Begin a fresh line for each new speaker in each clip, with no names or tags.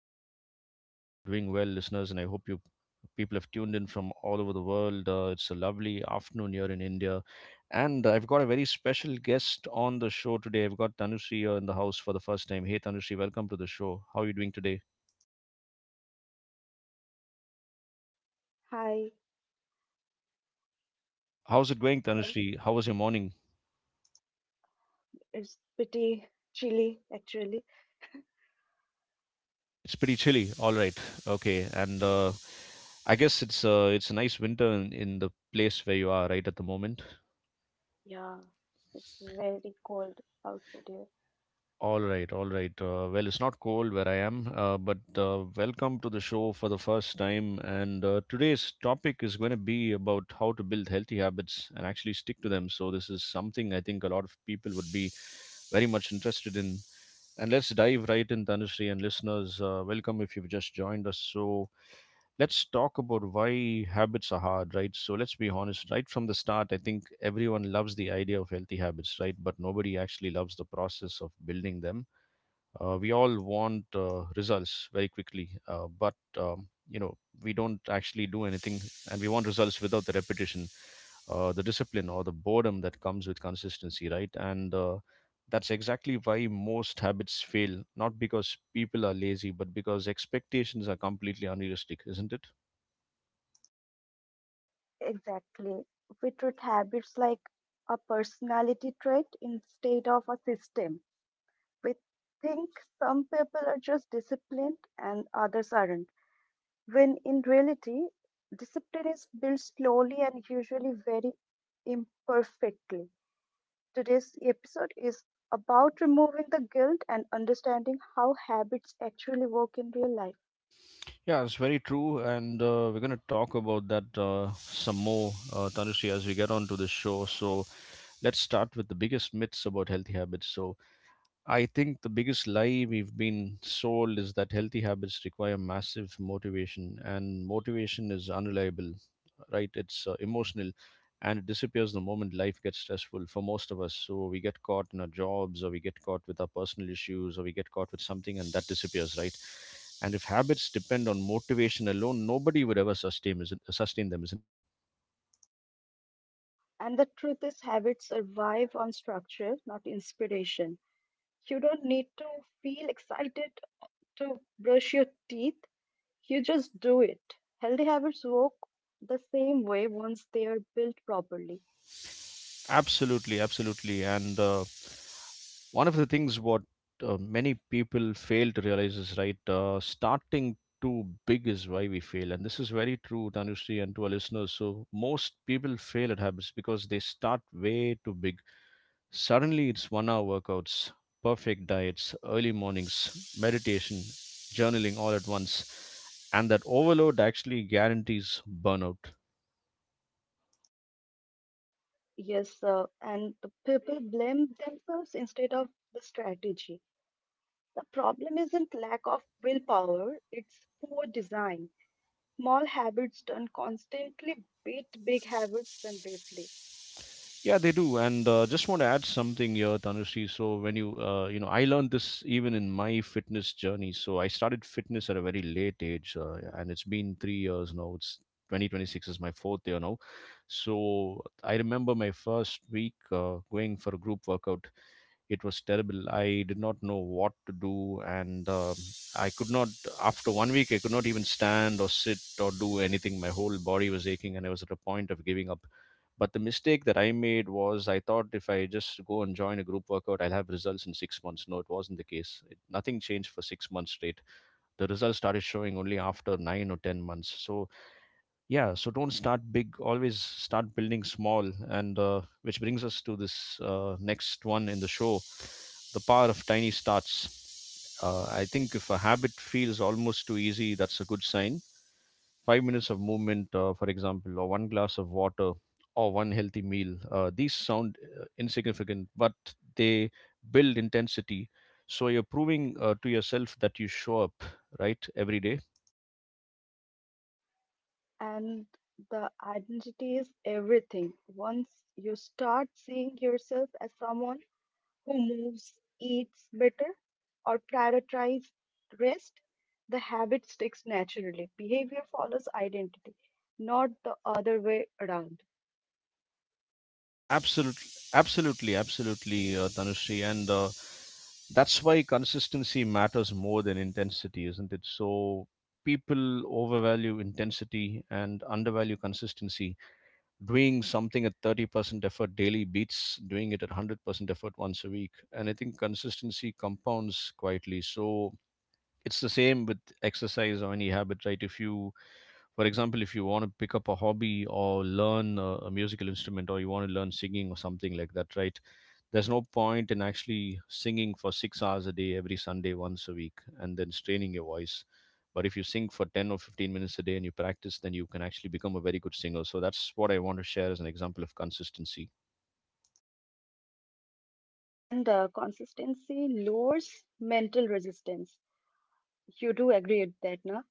Dominic. I hope you guys are doing well, listeners, and I hope you people have tuned in from all over the world. It's a lovely afternoon here in India. And I've got a very special guest on the show today. I've got Tanushree here in the house for the first time. Hey, Tanushree, welcome to the show. How are you doing today?
Hi.
How's it going,
Hello.
Tanushree? How was your morning?
It's pretty chilly actually.
It's pretty chilly. All right. Okay. And I guess it's a nice winter in the place where you are right at the moment.
Yeah, it's very cold outside here.
All right, all right. Well, it's not cold where I am, but welcome to the show for the first time. And today's topic is going to be about how to build healthy habits and actually stick to them. So, this is something I think a lot of people would be very much interested in. And let's dive right in, Tanushree and listeners. Welcome if you've just joined us. So, let's talk about why habits are hard, right? So, let's be honest, right from the start, I think everyone loves the idea of healthy habits, right? But nobody actually loves the process of building them. We all want results very quickly, but we don't actually do anything, and we want results without the repetition, the discipline, or the boredom that comes with consistency, right? And that's exactly why most habits fail, not because people are lazy, but because expectations are completely unrealistic, isn't it?
Exactly. We treat habits like a personality trait instead of a system. We think some people are just disciplined and others aren't, when in reality, discipline is built slowly and usually very imperfectly. Today's episode is about removing the guilt and understanding how habits actually work in real life.
Yeah, it's very true, and we're going to talk about that some more, Tanushree, as we get on to the show. So let's start with the biggest myths about healthy habits. So I think the biggest lie we've been sold is that healthy habits require massive motivation, and motivation is unreliable, right? It's emotional and it disappears the moment life gets stressful for most of us. So we get caught in our jobs, or we get caught with our personal issues, or we get caught with something and that disappears, right? And if habits depend on motivation alone, nobody would ever sustain them, isn't it?
And the truth is, habits survive on structure, not inspiration. You don't need to feel excited to brush your teeth, you just do it. Healthy habits work the same way once they are built properly.
Absolutely, absolutely. And one of the things what many people fail to realize is starting too big is why we fail, and this is very true, Tanushree, and to our listeners. So most people fail at habits because they start way too big. Suddenly it's 1 hour workouts, perfect diets, early mornings, meditation, journaling, all at once, and that overload actually guarantees burnout.
Yes, and the people blame themselves instead of the strategy. The problem isn't lack of willpower, it's poor design. Small habits done constantly beat big habits done briefly.
Yeah, they do, and just want to add something here, Tanushree. So when you, I learned this even in my fitness journey. So I started fitness at a very late age, and it's been 3 years now. It's 2026 is my fourth year now. So I remember my first week going for a group workout. It was terrible. I did not know what to do, and I could not after 1 week I could not even stand or sit or do anything. My whole body was aching and I was at a point of giving up, but the mistake that I made was I thought if I just go and join a group workout I'll have results in 6 months. No, it wasn't the case. Nothing changed for 6 months straight. The results started showing only after 9 or 10 months. So yeah, so don't start big, always start building small. And which brings us to this next one in the show: the power of tiny starts. I think if a habit feels almost too easy, that's a good sign. 5 minutes of movement, for example, or one glass of water, or one healthy meal, these sound insignificant, but they build intensity. So you're proving to yourself that you show up, right, every day.
And the identity is everything. Once you start seeing yourself as someone who moves, eats better, or prioritizes rest, the habit sticks naturally. Behavior follows identity, not the other way around.
Absolutely, absolutely, absolutely, Tanushree. And that's why consistency matters more than intensity, isn't it? So people overvalue intensity and undervalue consistency. Doing something at 30% effort daily beats doing it at 100% effort once a week. And I think consistency compounds quietly. So it's the same with exercise or any habit, right? If you, for example, if you want to pick up a hobby or learn a musical instrument, or you want to learn singing or something like that, right? There's no point in actually singing for 6 hours a day every Sunday once a week and then straining your voice. But if you sing for 10 or 15 minutes a day and you practice, then you can actually become a very good singer. So that's what I want to share as an example of consistency.
And the consistency lowers mental resistance. You do agree with that, na?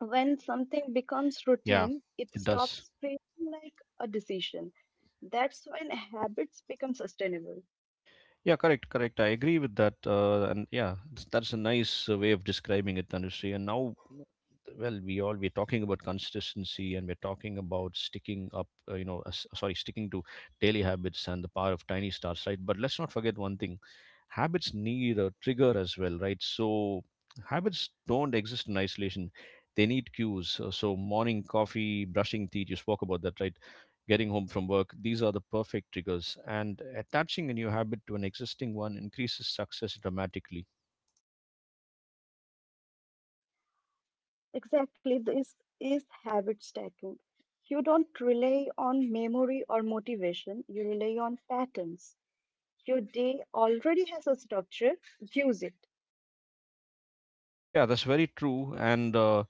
When something becomes
Yeah,
routine, it
it does.
stops feeling like a decision. That's when habits become sustainable.
Yeah, correct, correct. I agree with that. And yeah, that's a nice way of describing it, Tanushree. And now, well, we're talking about consistency, and we're talking about sticking up. You know, sorry, sticking to daily habits and the power of tiny starts, right? But let's not forget one thing: habits need a trigger as well, right? So habits don't exist in isolation; they need cues. So, morning coffee, brushing teeth. You spoke about that, right? Getting home from work, these are the perfect triggers. And attaching a new habit to an existing one increases success dramatically.
Exactly, this is habit stacking. You don't rely on memory or motivation, you rely on patterns. Your day already has a structure, use it.
Yeah, that's very true. And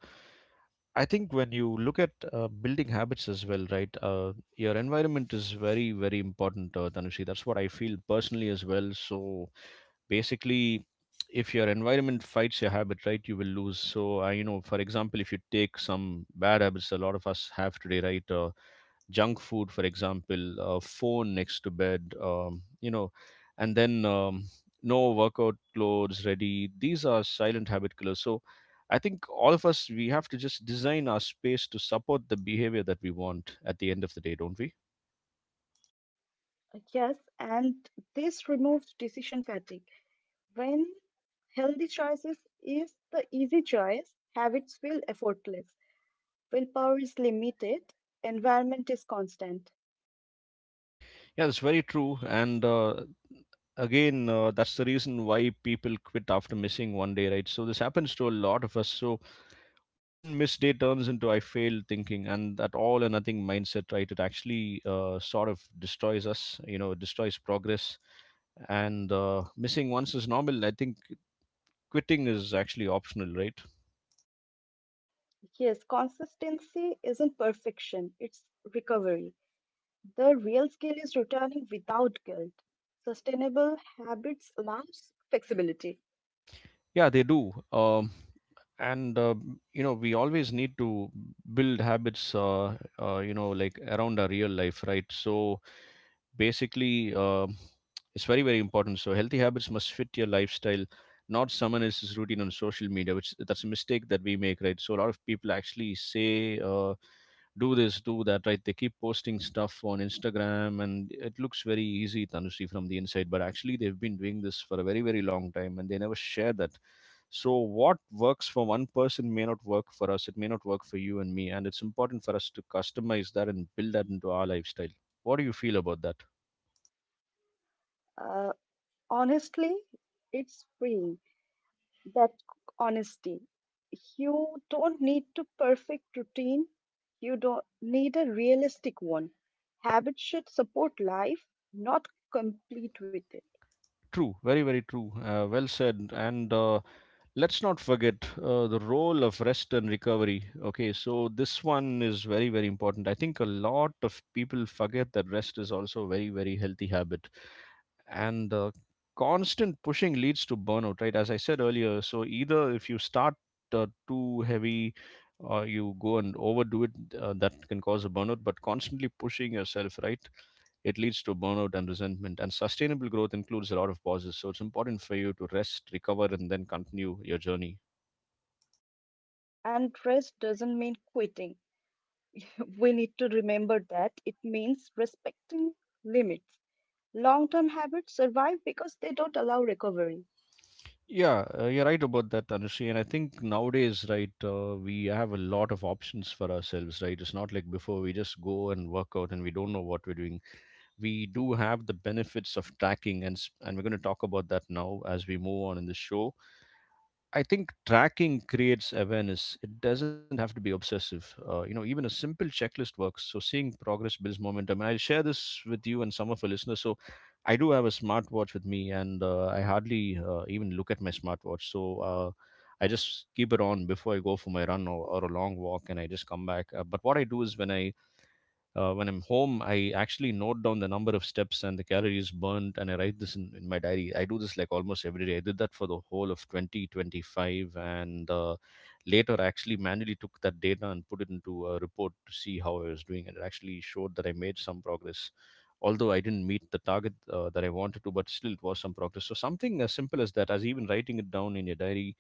I think when you look at building habits as well, right, your environment is very, very important, Tanushi. That's what I feel personally as well. So basically, if your environment fights your habit, right, you will lose. So, you know, for example, if you take some bad habits a lot of us have today, right? Junk food, for example, phone next to bed, you know, and then no workout clothes ready. These are silent habit killers. So I think all of us, we have to just design our space to support the behavior that we want at the end of the day, don't we?
Yes, and this removes decision fatigue. When healthy choices is the easy choice, habits feel effortless. Willpower is limited, environment is constant.
Yeah, that's very true. And again, that's the reason why people quit after missing 1 day, right? So this happens to a lot of us. So one missed day turns into I failed thinking, and that all or nothing mindset, right? It actually sort of destroys us, you know, it destroys progress. And missing once is normal. I think quitting is actually optional, right?
Yes, consistency isn't perfection, it's recovery. The real skill is returning without guilt. Sustainable habits allows flexibility.
Yeah, they do. And you know, we always need to build habits, you know, like around our real life, right? So basically, it's very, very important. So healthy habits must fit your lifestyle, not someone else's routine on social media, which, that's a mistake that we make, right? So a lot of people actually say, do this, do that, right? They keep posting stuff on Instagram and it looks very easy, Tanushi, from the inside, but actually they've been doing this for a very, very long time, and they never share that. So, what works for one person may not work for us. It may not work for you and me. And it's important for us to customize that and build that into our lifestyle. What do you feel about that?
Uh, Honestly, it's freeing. That honesty. You don't need to perfect routine. You don't need a realistic one. Habits should support life, not complete with it.
True, very, very true. Well said. And let's not forget the role of rest and recovery. Okay, so this one is very, very important. I think a lot of people forget that rest is also a very, very healthy habit. And the constant pushing leads to burnout, right, as I said earlier. So either if you start too heavy or you go and overdo it, that can cause a burnout. But constantly pushing yourself, right, it leads to burnout and resentment, and sustainable growth includes a lot of pauses. So it's important for you to rest, recover, and then continue your journey.
And rest doesn't mean quitting. We need to remember that it means respecting limits. Long term habits survive because they don't allow recovery,
Yeah, you're right about that, Anushri. And I think nowadays, right, we have a lot of options for ourselves, right? It's not like before we just go and work out and we don't know what we're doing. We do have the benefits of tracking, and we're going to talk about that now as we move on in the show. I think tracking creates awareness. It doesn't have to be obsessive. Even a simple checklist works, so seeing progress builds momentum. And I'll share this with you and some of our listeners. So I do have a smartwatch with me, and I hardly even look at my smartwatch. So I just keep it on before I go for my run or a long walk, and I just come back. But what I do is when I when I'm home, I actually note down the number of steps and the calories burnt, and I write this in my diary. I do this like almost every day. I did that for the whole of 2025, and later I actually manually took that data and put it into a report to see how I was doing. And it actually showed that I made some progress, although I didn't meet the target that I wanted to, but still it was some progress. So something as simple as that, as even writing it down in your diary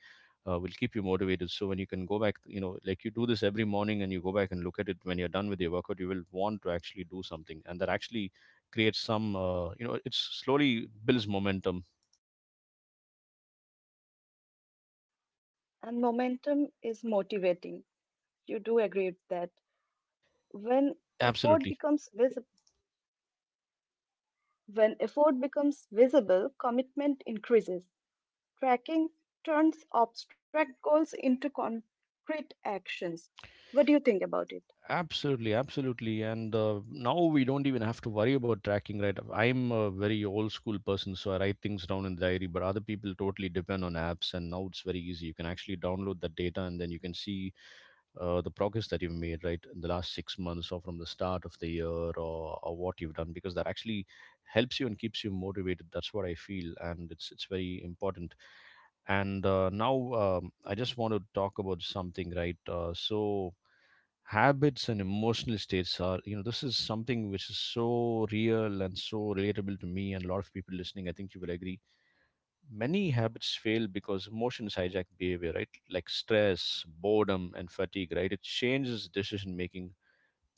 will keep you motivated. So when you can go back, like you do this every morning and you go back and look at it when you're done with your workout, you will want to actually do something, and that actually creates some, it slowly builds momentum.
and momentum is motivating. You do agree with that. When effort
Absolutely.
becomes visible, when effort becomes visible, commitment increases. Tracking turns abstract goals into concrete actions. What do you think about it?
Absolutely, absolutely. And now we don't even have to worry about tracking, right? I'm a very old school person, so I write things down in the diary, but other people totally depend on apps, and now it's very easy. You can actually download the data and then you can see the progress that you've made right in the last 6 months or from the start of the year or what you've done, because that actually helps you and keeps you motivated. That's what I feel, and it's very important. And now I just want to talk about something, right? So habits and emotional states are, you know, this is something which is so real and so relatable to me, and a lot of people listening, I think you will agree. Many habits fail because emotions hijack behavior, right? Like stress, boredom and fatigue, right, it changes decision making.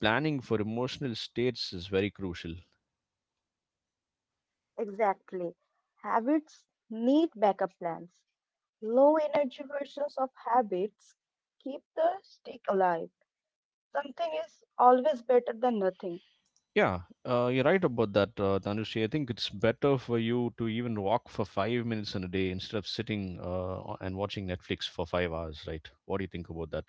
Planning for emotional states is very crucial.
Exactly. Habits need backup plans. Low energy versions of habits keep the stick alive. Something is always better than nothing.
Yeah, you're right about that, Dhanushi. I think it's better for you to even walk for 5 minutes in a day instead of sitting and watching Netflix for 5 hours, right? What do you think about that?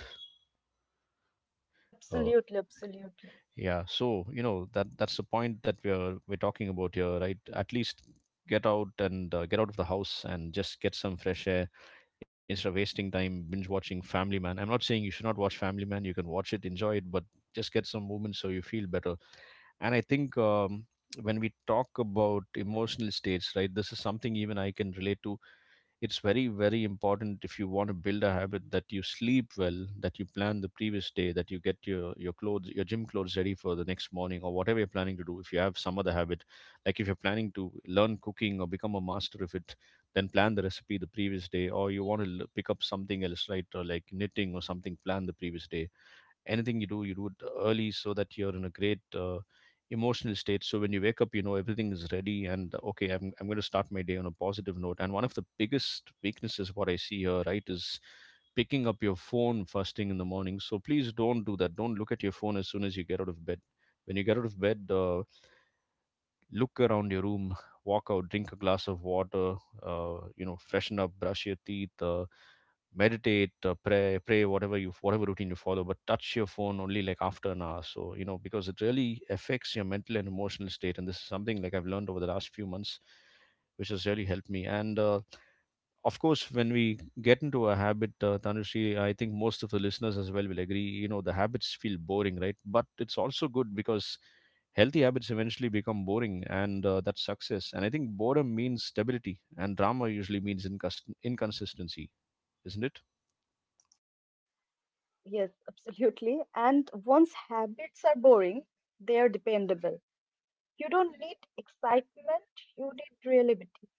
uh,
Absolutely, absolutely.
yeah, so you know, that's the point that we're talking about here, right? At least get out and get out of the house and just get some fresh air instead of wasting time binge watching Family Man. I'm not saying you should not watch Family Man. You can watch it, enjoy it, but just get some movement so you feel better. And I think when we talk about emotional states, right, this is something even I can relate to. It's very, very important, if you want to build a habit, that you sleep well, that you plan the previous day, that you get your clothes, your gym clothes, ready for the next morning, or whatever you're planning to do. If you have some other habit, like if you're planning to learn cooking or become a master of it, then plan the recipe the previous day. Or you want to pick up something else, right, or like knitting or something, plan the previous day. Anything you do, you do it early, so that you're in a great emotional state. So when you wake up, you know, everything is ready, and okay, I'm going to start my day on a positive note. And one of the biggest weaknesses what I see here, right, is picking up your phone first thing in the morning. So please don't do that. Don't look at your phone as soon as you get out of bed. When you get out of bed, look around your room, walk out, drink a glass of water, freshen up, brush your teeth, meditate, pray, whatever, you whatever routine you follow, but touch your phone only like after an hour. So you know, because it really affects your mental and emotional state, and this is something like I've learned over the last few months, which has really helped me. And of course, when we get into a habit, Tanushree, I think most of the listeners as well will agree, you know, the habits feel boring, right? But it's also good because healthy habits eventually become boring, and that's success. And I think boredom means stability, and drama usually means inconsistency, isn't it?
Yes, absolutely. And once habits are boring, they are dependable. You don't need excitement, you need reliability.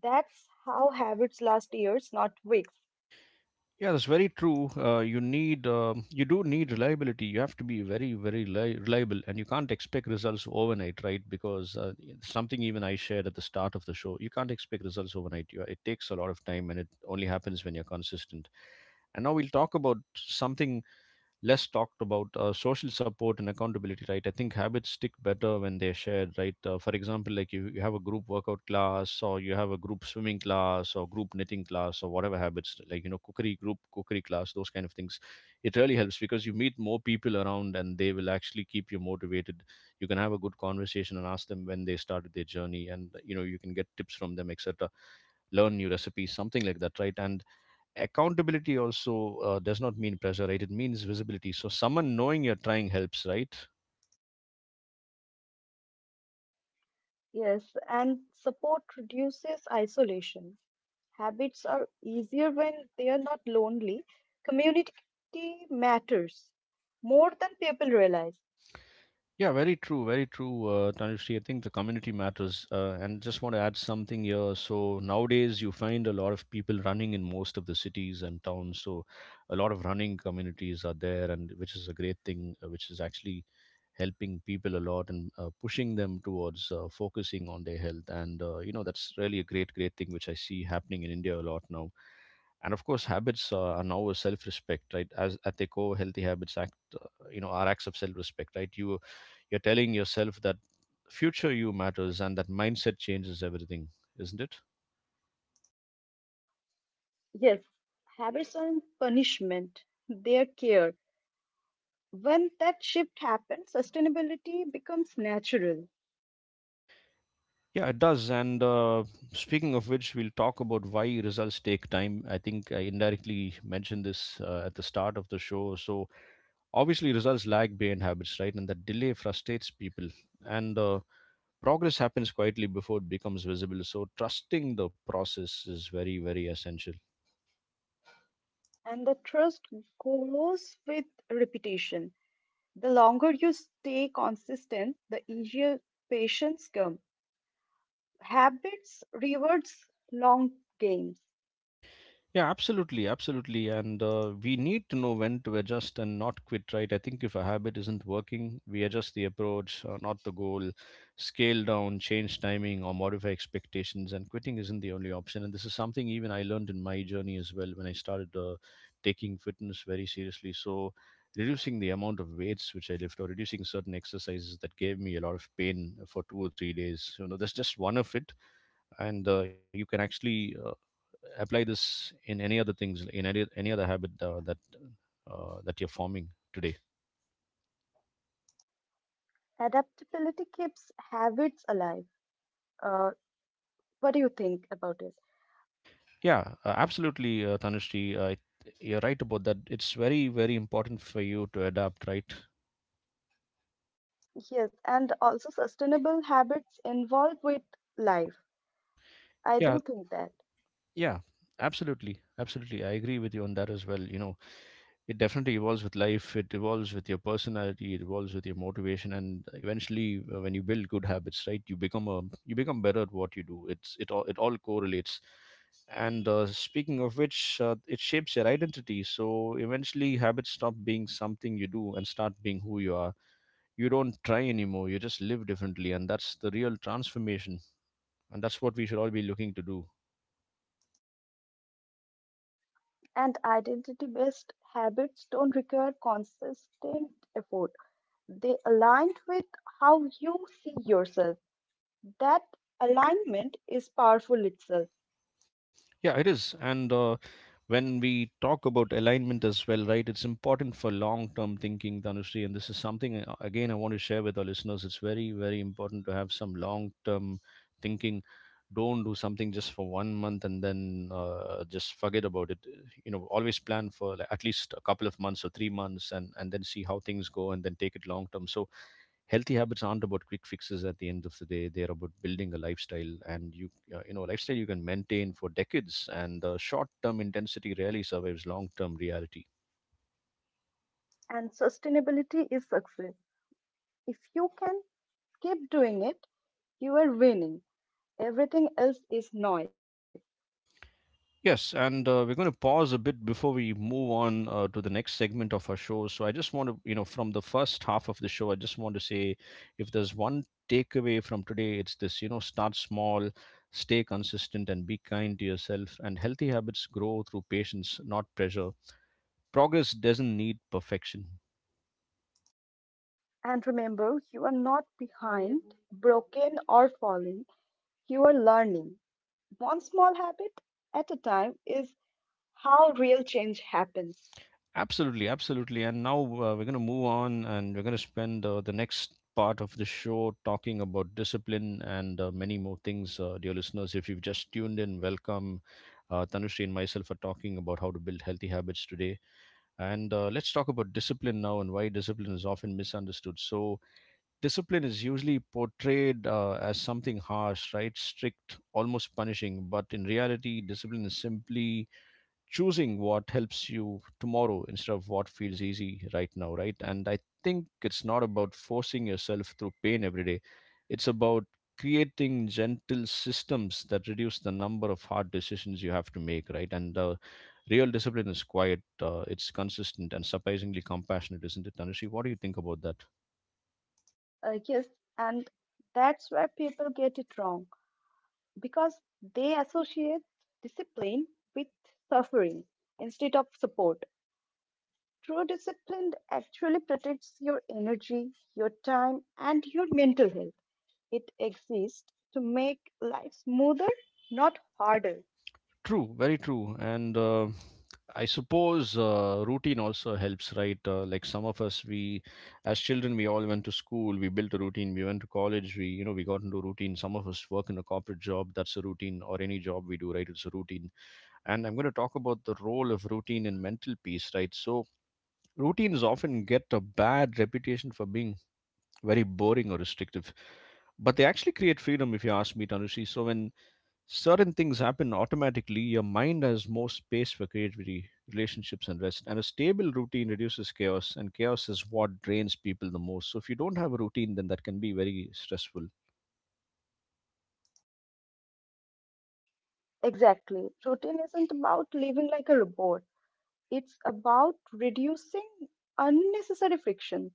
That's how habits last years, not weeks.
Yeah, that's very true. You need, you do need reliability. You have to be very, very reliable, and you can't expect results overnight, right? Because something even I shared at the start of the show, you can't expect results overnight. It takes a lot of time, and it only happens when you're consistent. And now we'll talk about something less talked about, social support and accountability, right? I think habits stick better when they're shared, right? For example, like you have a group workout class, or you have a group swimming class, or group knitting class, or whatever habits, like you know, cookery, group cookery class, those kind of things. It really helps because you meet more people around, and they will actually keep you motivated. You can have a good conversation and ask them when they started their journey, and you know, you can get tips from them, etc., learn new recipes, something like that, right? And accountability also does not mean pressure, right? It means visibility. So someone knowing you're trying helps, right?
Yes, and support reduces isolation. Habits are easier when they are not lonely. Community matters more than people realize.
Yeah, very true, very true, Tanushree. I think the community matters, and just want to add something here. So nowadays you find a lot of people running in most of the cities and towns, so a lot of running communities are there, and which is a great thing, which is actually helping people a lot, and pushing them towards focusing on their health, and you know, that's really a great, great thing which I see happening in India a lot now. And of course, habits are now a self-respect, right? As at their core, healthy habits act, are acts of self-respect, right? You're telling yourself that future you matters, and that mindset changes everything, isn't it?
Yes, habits aren't punishment, they are care. When that shift happens, sustainability becomes natural
Yeah, it does. And speaking of which, we'll talk about why results take time. I think I indirectly mentioned this at the start of the show. So obviously results lag behind habits, right, and that delay frustrates people. And progress happens quietly before it becomes visible, so trusting the process is very, very essential.
and the trust grows with repetition. The longer you stay consistent, the easier patience comes. Habits rewards long games.
Yeah, absolutely, absolutely. And we need to know when to adjust and not quit, right? I think if a habit isn't working, we adjust the approach, not the goal. Scale down, change timing, or modify expectations. And quitting isn't the only option. And this is something even I learned in my journey as well when I started taking fitness very seriously. So reducing the amount of weights which I lift, or reducing certain exercises that gave me a lot of pain for 2 or 3 days, you know, that's just one of it. And you can actually apply this in any other things, in any other habit, that you're forming today.
Adaptability keeps habits alive. Uh, what do you think about it?
Yeah, absolutely, Tanushree, you're right about that. It's very, very important for you to adapt, right?
Yes, and also sustainable habits involved with life. I
Yeah,
do think that.
yeah, absolutely, absolutely, I agree with you on that as well, you know. It definitely evolves with life, it evolves with your personality, it evolves with your motivation, and eventually, when you build good habits, right, you become a you become better at what you do. It's it all it all correlates. And speaking of which, it shapes your identity. So eventually habits stop being something you do and start being who you are. You don't try anymore, you just live differently, and that's the real transformation. And that's what we should all be looking to do.
And identity based habits don't require consistent effort. They aligned with how you see yourself. That alignment is powerful itself.
Yeah, it is. And when we talk about alignment as well, right, it's important for long term thinking, Tanushree. And this is something, again, I want to share with our listeners. It's very, very important to have some long term thinking. Don't do something just for 1 month and then just forget about it. You know, always plan for, like, at least a couple of months or 3 months, and then see how things go, and then take it long term. So, healthy habits aren't about quick fixes at the end of the day. They're about building a lifestyle, and you lifestyle you can maintain for decades. And the short-term intensity rarely survives long-term reality.
And sustainability is success. If you can keep doing it. You are winning. Everything else is noise.
Yes, and we're going to pause a bit before we move on to the next segment of our show. So I just want to, you know, from the first half of the show, I just want to say if there's one takeaway from today, it's this, you know, start small, stay consistent, and be kind to yourself. And healthy habits grow through patience, not pressure. Progress doesn't need perfection.
And remember, you are not behind, broken, or falling. You are learning. One small habit at a time is how real change happens.
Absolutely, absolutely. And now we're going to move on, and we're going to spend the next part of the show talking about discipline and many more things, dear listeners. If you've just tuned in, welcome. Tanushree and myself are talking about how to build healthy habits today. And Let's talk about discipline now and why discipline is often misunderstood. So, discipline is usually portrayed as something harsh, right? Strict, almost punishing. But in reality, discipline is simply choosing what helps you tomorrow instead of what feels easy right now, right? And I think it's not about forcing yourself through pain every day. It's about creating gentle systems that reduce the number of hard decisions you have to make, right? And Real discipline is quiet, it's consistent, and surprisingly compassionate, isn't it, Tanushi? What do you think about that?
Yes, and that's where people get it wrong because they associate discipline with suffering instead of support. True discipline actually protects your energy, your time, and your mental health. It exists to make life smoother, not harder.
True, very true. And I suppose routine also helps, right? Like some of us, we as children, we all went to school, we built a routine, we went to college, we, you know, we got into routine. Some of us work in a corporate job, that's a routine, or any job we do, right? It's a routine. And I'm going to talk about the role of routine in mental peace, right? So, routines often get a bad reputation for being very boring or restrictive, but they actually create freedom, if you ask me, Tanushi. So, when certain things happen automatically, your mind has more space for creativity, relationships, and rest. And a stable routine reduces chaos, and chaos is what drains people the most. So if you don't have a routine, then that can be very stressful.
Exactly. Routine isn't about living like a robot. It's about reducing unnecessary friction.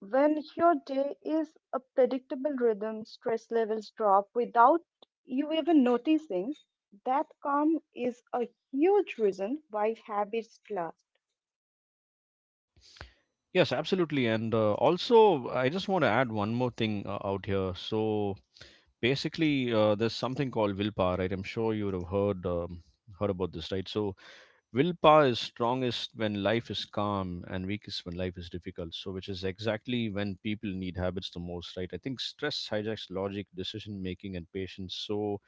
When your day is a predictable rhythm, stress levels drop without you even noticing. That calm is a huge reason why habits last.
Yes, absolutely. And Also, I just want to add one more thing out here. So basically, there's something called willpower, right? I'm sure you would have heard heard about this, right? So willpower is strongest when life is calm and weakest when life is difficult, so which is exactly when people need habits the most, right? I think stress hijacks logic, decision making, and patience. So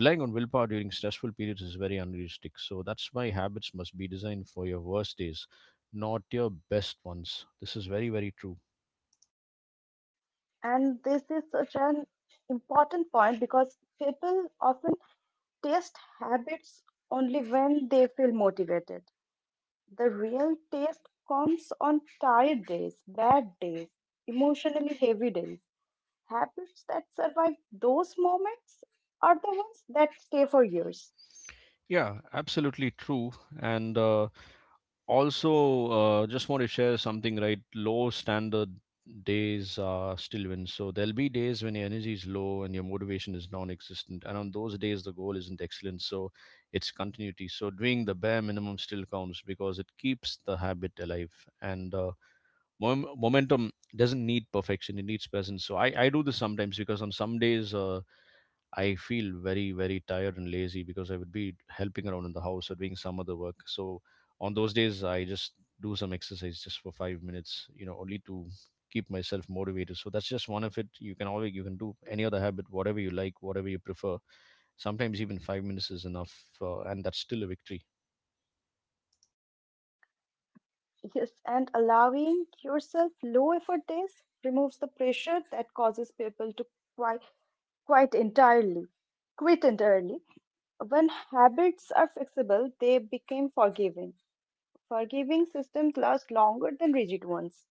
relying on willpower during stressful periods is very unrealistic. So that's why habits must be designed for your worst days, not your best ones. This is very, very true.
And this is such an important point because people often taste habits only when they feel motivated. The real taste comes on tired days, bad days, emotionally heavy days. Habits that survive those moments are the ones that stay for years.
Yeah, absolutely true. And Also, just want to share something, right? Low standard days are still wins. So there'll be days when your energy is low and your motivation is non-existent. And on those days, the goal isn't excellence. So it's continuity. So doing the bare minimum still counts because it keeps the habit alive. And Momentum doesn't need perfection; it needs presence. So I do this sometimes because on some days. I feel very, very tired and lazy because I would be helping around in the house or doing some other work. So on those days, I just do some exercise just for 5 minutes, you know, only to keep myself motivated. So that's just one of it. You can do any other habit, whatever you like, whatever you prefer. Sometimes even 5 minutes is enough, and that's still a victory.
Yes, and allowing yourself low effort days removes the pressure that causes people to quite, quite entirely quit entirely. When habits are flexible, they become forgiving. Forgiving systems last longer than rigid ones,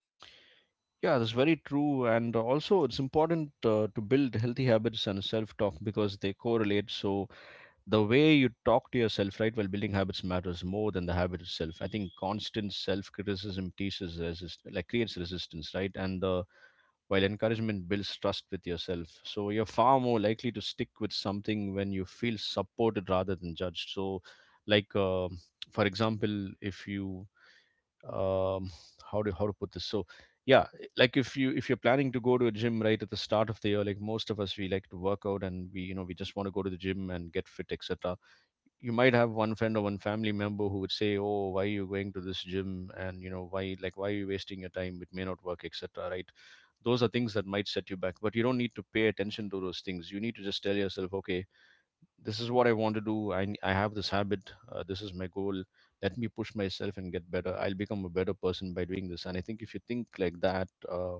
Yeah, that's very true. And also, it's important to build healthy habits and self talk because they correlate. So the way you talk to yourself, right, while building habits matters more than the habit itself. I think constant self-criticism teaches resist, like creates resistance, right? And the while encouragement builds trust with yourself. So you're far more likely to stick with something when you feel supported rather than judged. So, like uh, for example, if you um, how to put this? So yeah, like if you're planning to go to a gym right at the start of the year, like most of us, we like to work out, and we, you know, we just want to go to the gym and get fit, etc. You might have one friend or one family member who would say, oh, why are you going to this gym, and you know, why, like why are you wasting your time, it may not work, etc, right? Those are things that might set you back, but you don't need to pay attention to those things. You need to just tell yourself, okay, this is what I want to do. I have this habit, this is my goal. Let me push myself and get better. I'll become a better person by doing this. And I think if you think like that,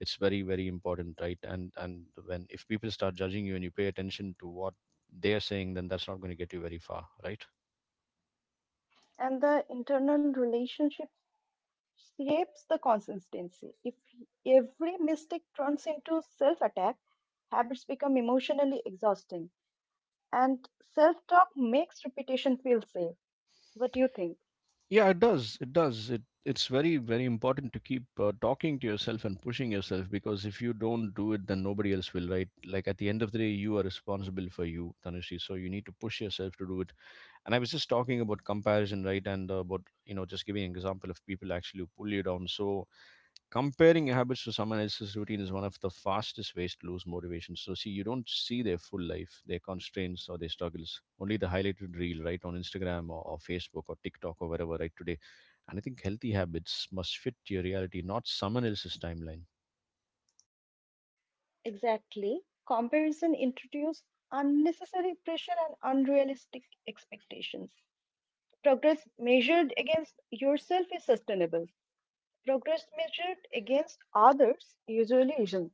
it's very, very important, right? And when, if people start judging you, and you pay attention to what they are saying, then that's not going to get you very far, right?
and the internal relationship shapes the consistency. If every mistake turns into self attack, habits become emotionally exhausting, and self talk makes repetition feel safe. What do you think?
Yeah, it does. It does. It It's very, very important to keep talking to yourself and pushing yourself, because if you don't do it, then nobody else will, right? Like at the end of the day, you are responsible for you, Tanushi. So you need to push yourself to do it. And I was just talking about comparison, right? and About, you know, just giving an example of people actually who pull you down. So comparing your habits to someone else's routine is one of the fastest ways to lose motivation. So see, you don't see their full life, their constraints, or their struggles, only the highlighted reel, right, on Instagram or, Facebook or TikTok or wherever, right, today. And I think healthy habits must fit your reality, not someone else's timeline.
Exactly. Comparison introduces unnecessary pressure and unrealistic expectations. Progress measured against yourself is sustainable, progress measured against others usually isn't.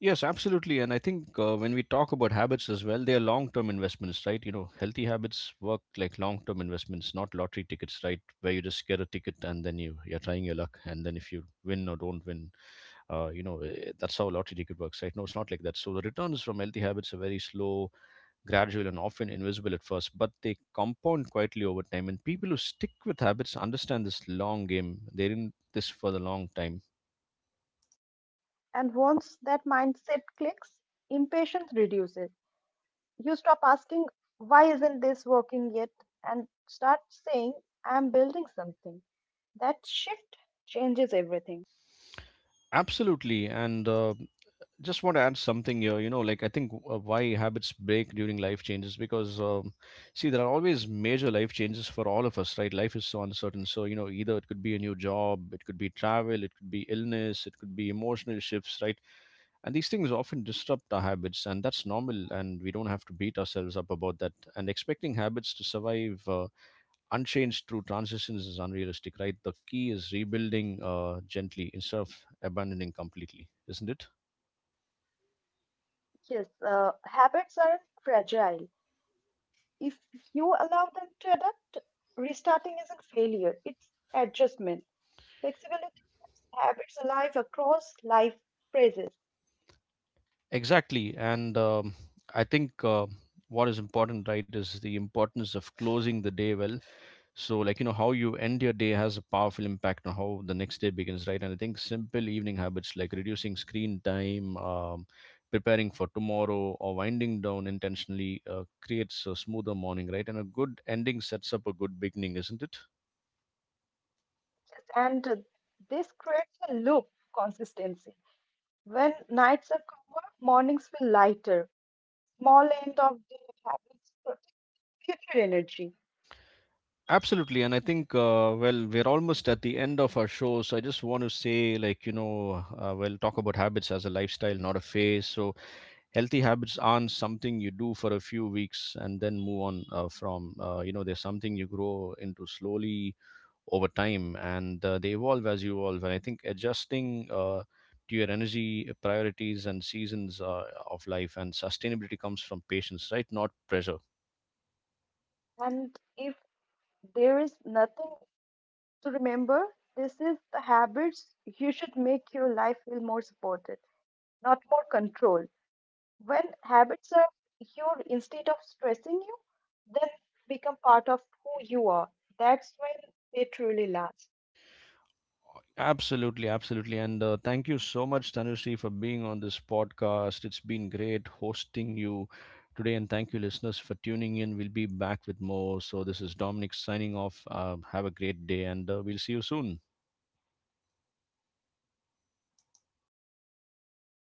Yes, absolutely. And I think when we talk about habits as well, they are long term investments, right? You know, healthy habits work like long term investments, not lottery tickets, right? Where you just get a ticket and then you're trying your luck. And then if you win or don't win, you know, eh, that's how a lottery ticket works, right? No, it's not like that. So the returns from healthy habits are very slow, gradual, and often invisible at first, but they compound quietly over time. And people who stick with habits understand this long game, they're in this for the long time.
And once that mindset clicks, impatience reduces. You stop asking, why isn't this working yet? And start saying, I'm building something. That shift changes everything.
Absolutely. And Just want to add something here, you know. Like I think, why habits break during life changes, because see, there are always major life changes for all of us, right? Life is so uncertain. So you know, either it could be a new job, it could be travel, it could be illness, it could be emotional shifts, right? And these things often disrupt our habits, and that's normal, and we don't have to beat ourselves up about that. And expecting habits to survive unchanged through transitions is unrealistic, right? The key is rebuilding gently instead of abandoning completely, isn't it?
Yes, habits are fragile. If you allow them to adapt, restarting isn't failure, it's adjustment. Flexibility keeps habits alive across life phases.
Exactly. And I think what is important, right, is the importance of closing the day well. So, like, you know, how you end your day has a powerful impact on how the next day begins, right? And I think simple evening habits like reducing screen time, preparing for tomorrow, or winding down intentionally creates a smoother morning, right? And a good ending sets up a good beginning, isn't it?
And this creates a loop of consistency. When nights are calmer, mornings feel lighter. Small end of the habits protect future energy.
Absolutely, and I think well, we're almost at the end of our show, so I just want to say, like you know, well, talk about habits as a lifestyle, not a phase. So healthy habits aren't something you do for a few weeks and then move on from. You know, they're something you grow into slowly over time, and they evolve as you evolve. And I think adjusting to your energy priorities and seasons of life, and sustainability comes from patience, right? Not pressure.
And if there is nothing to remember, this is the habits you should make your life feel more supported, not more controlled. When habits are your instead of stressing you, then become part of who you are. That's when they truly last.
Absolutely, absolutely. And Thank you so much, Tanushree, for being on this podcast. It's been great hosting you today. And thank you, listeners, for tuning in. We'll be back with more. So, this is Dominic signing off. Have a great day, and we'll see you soon.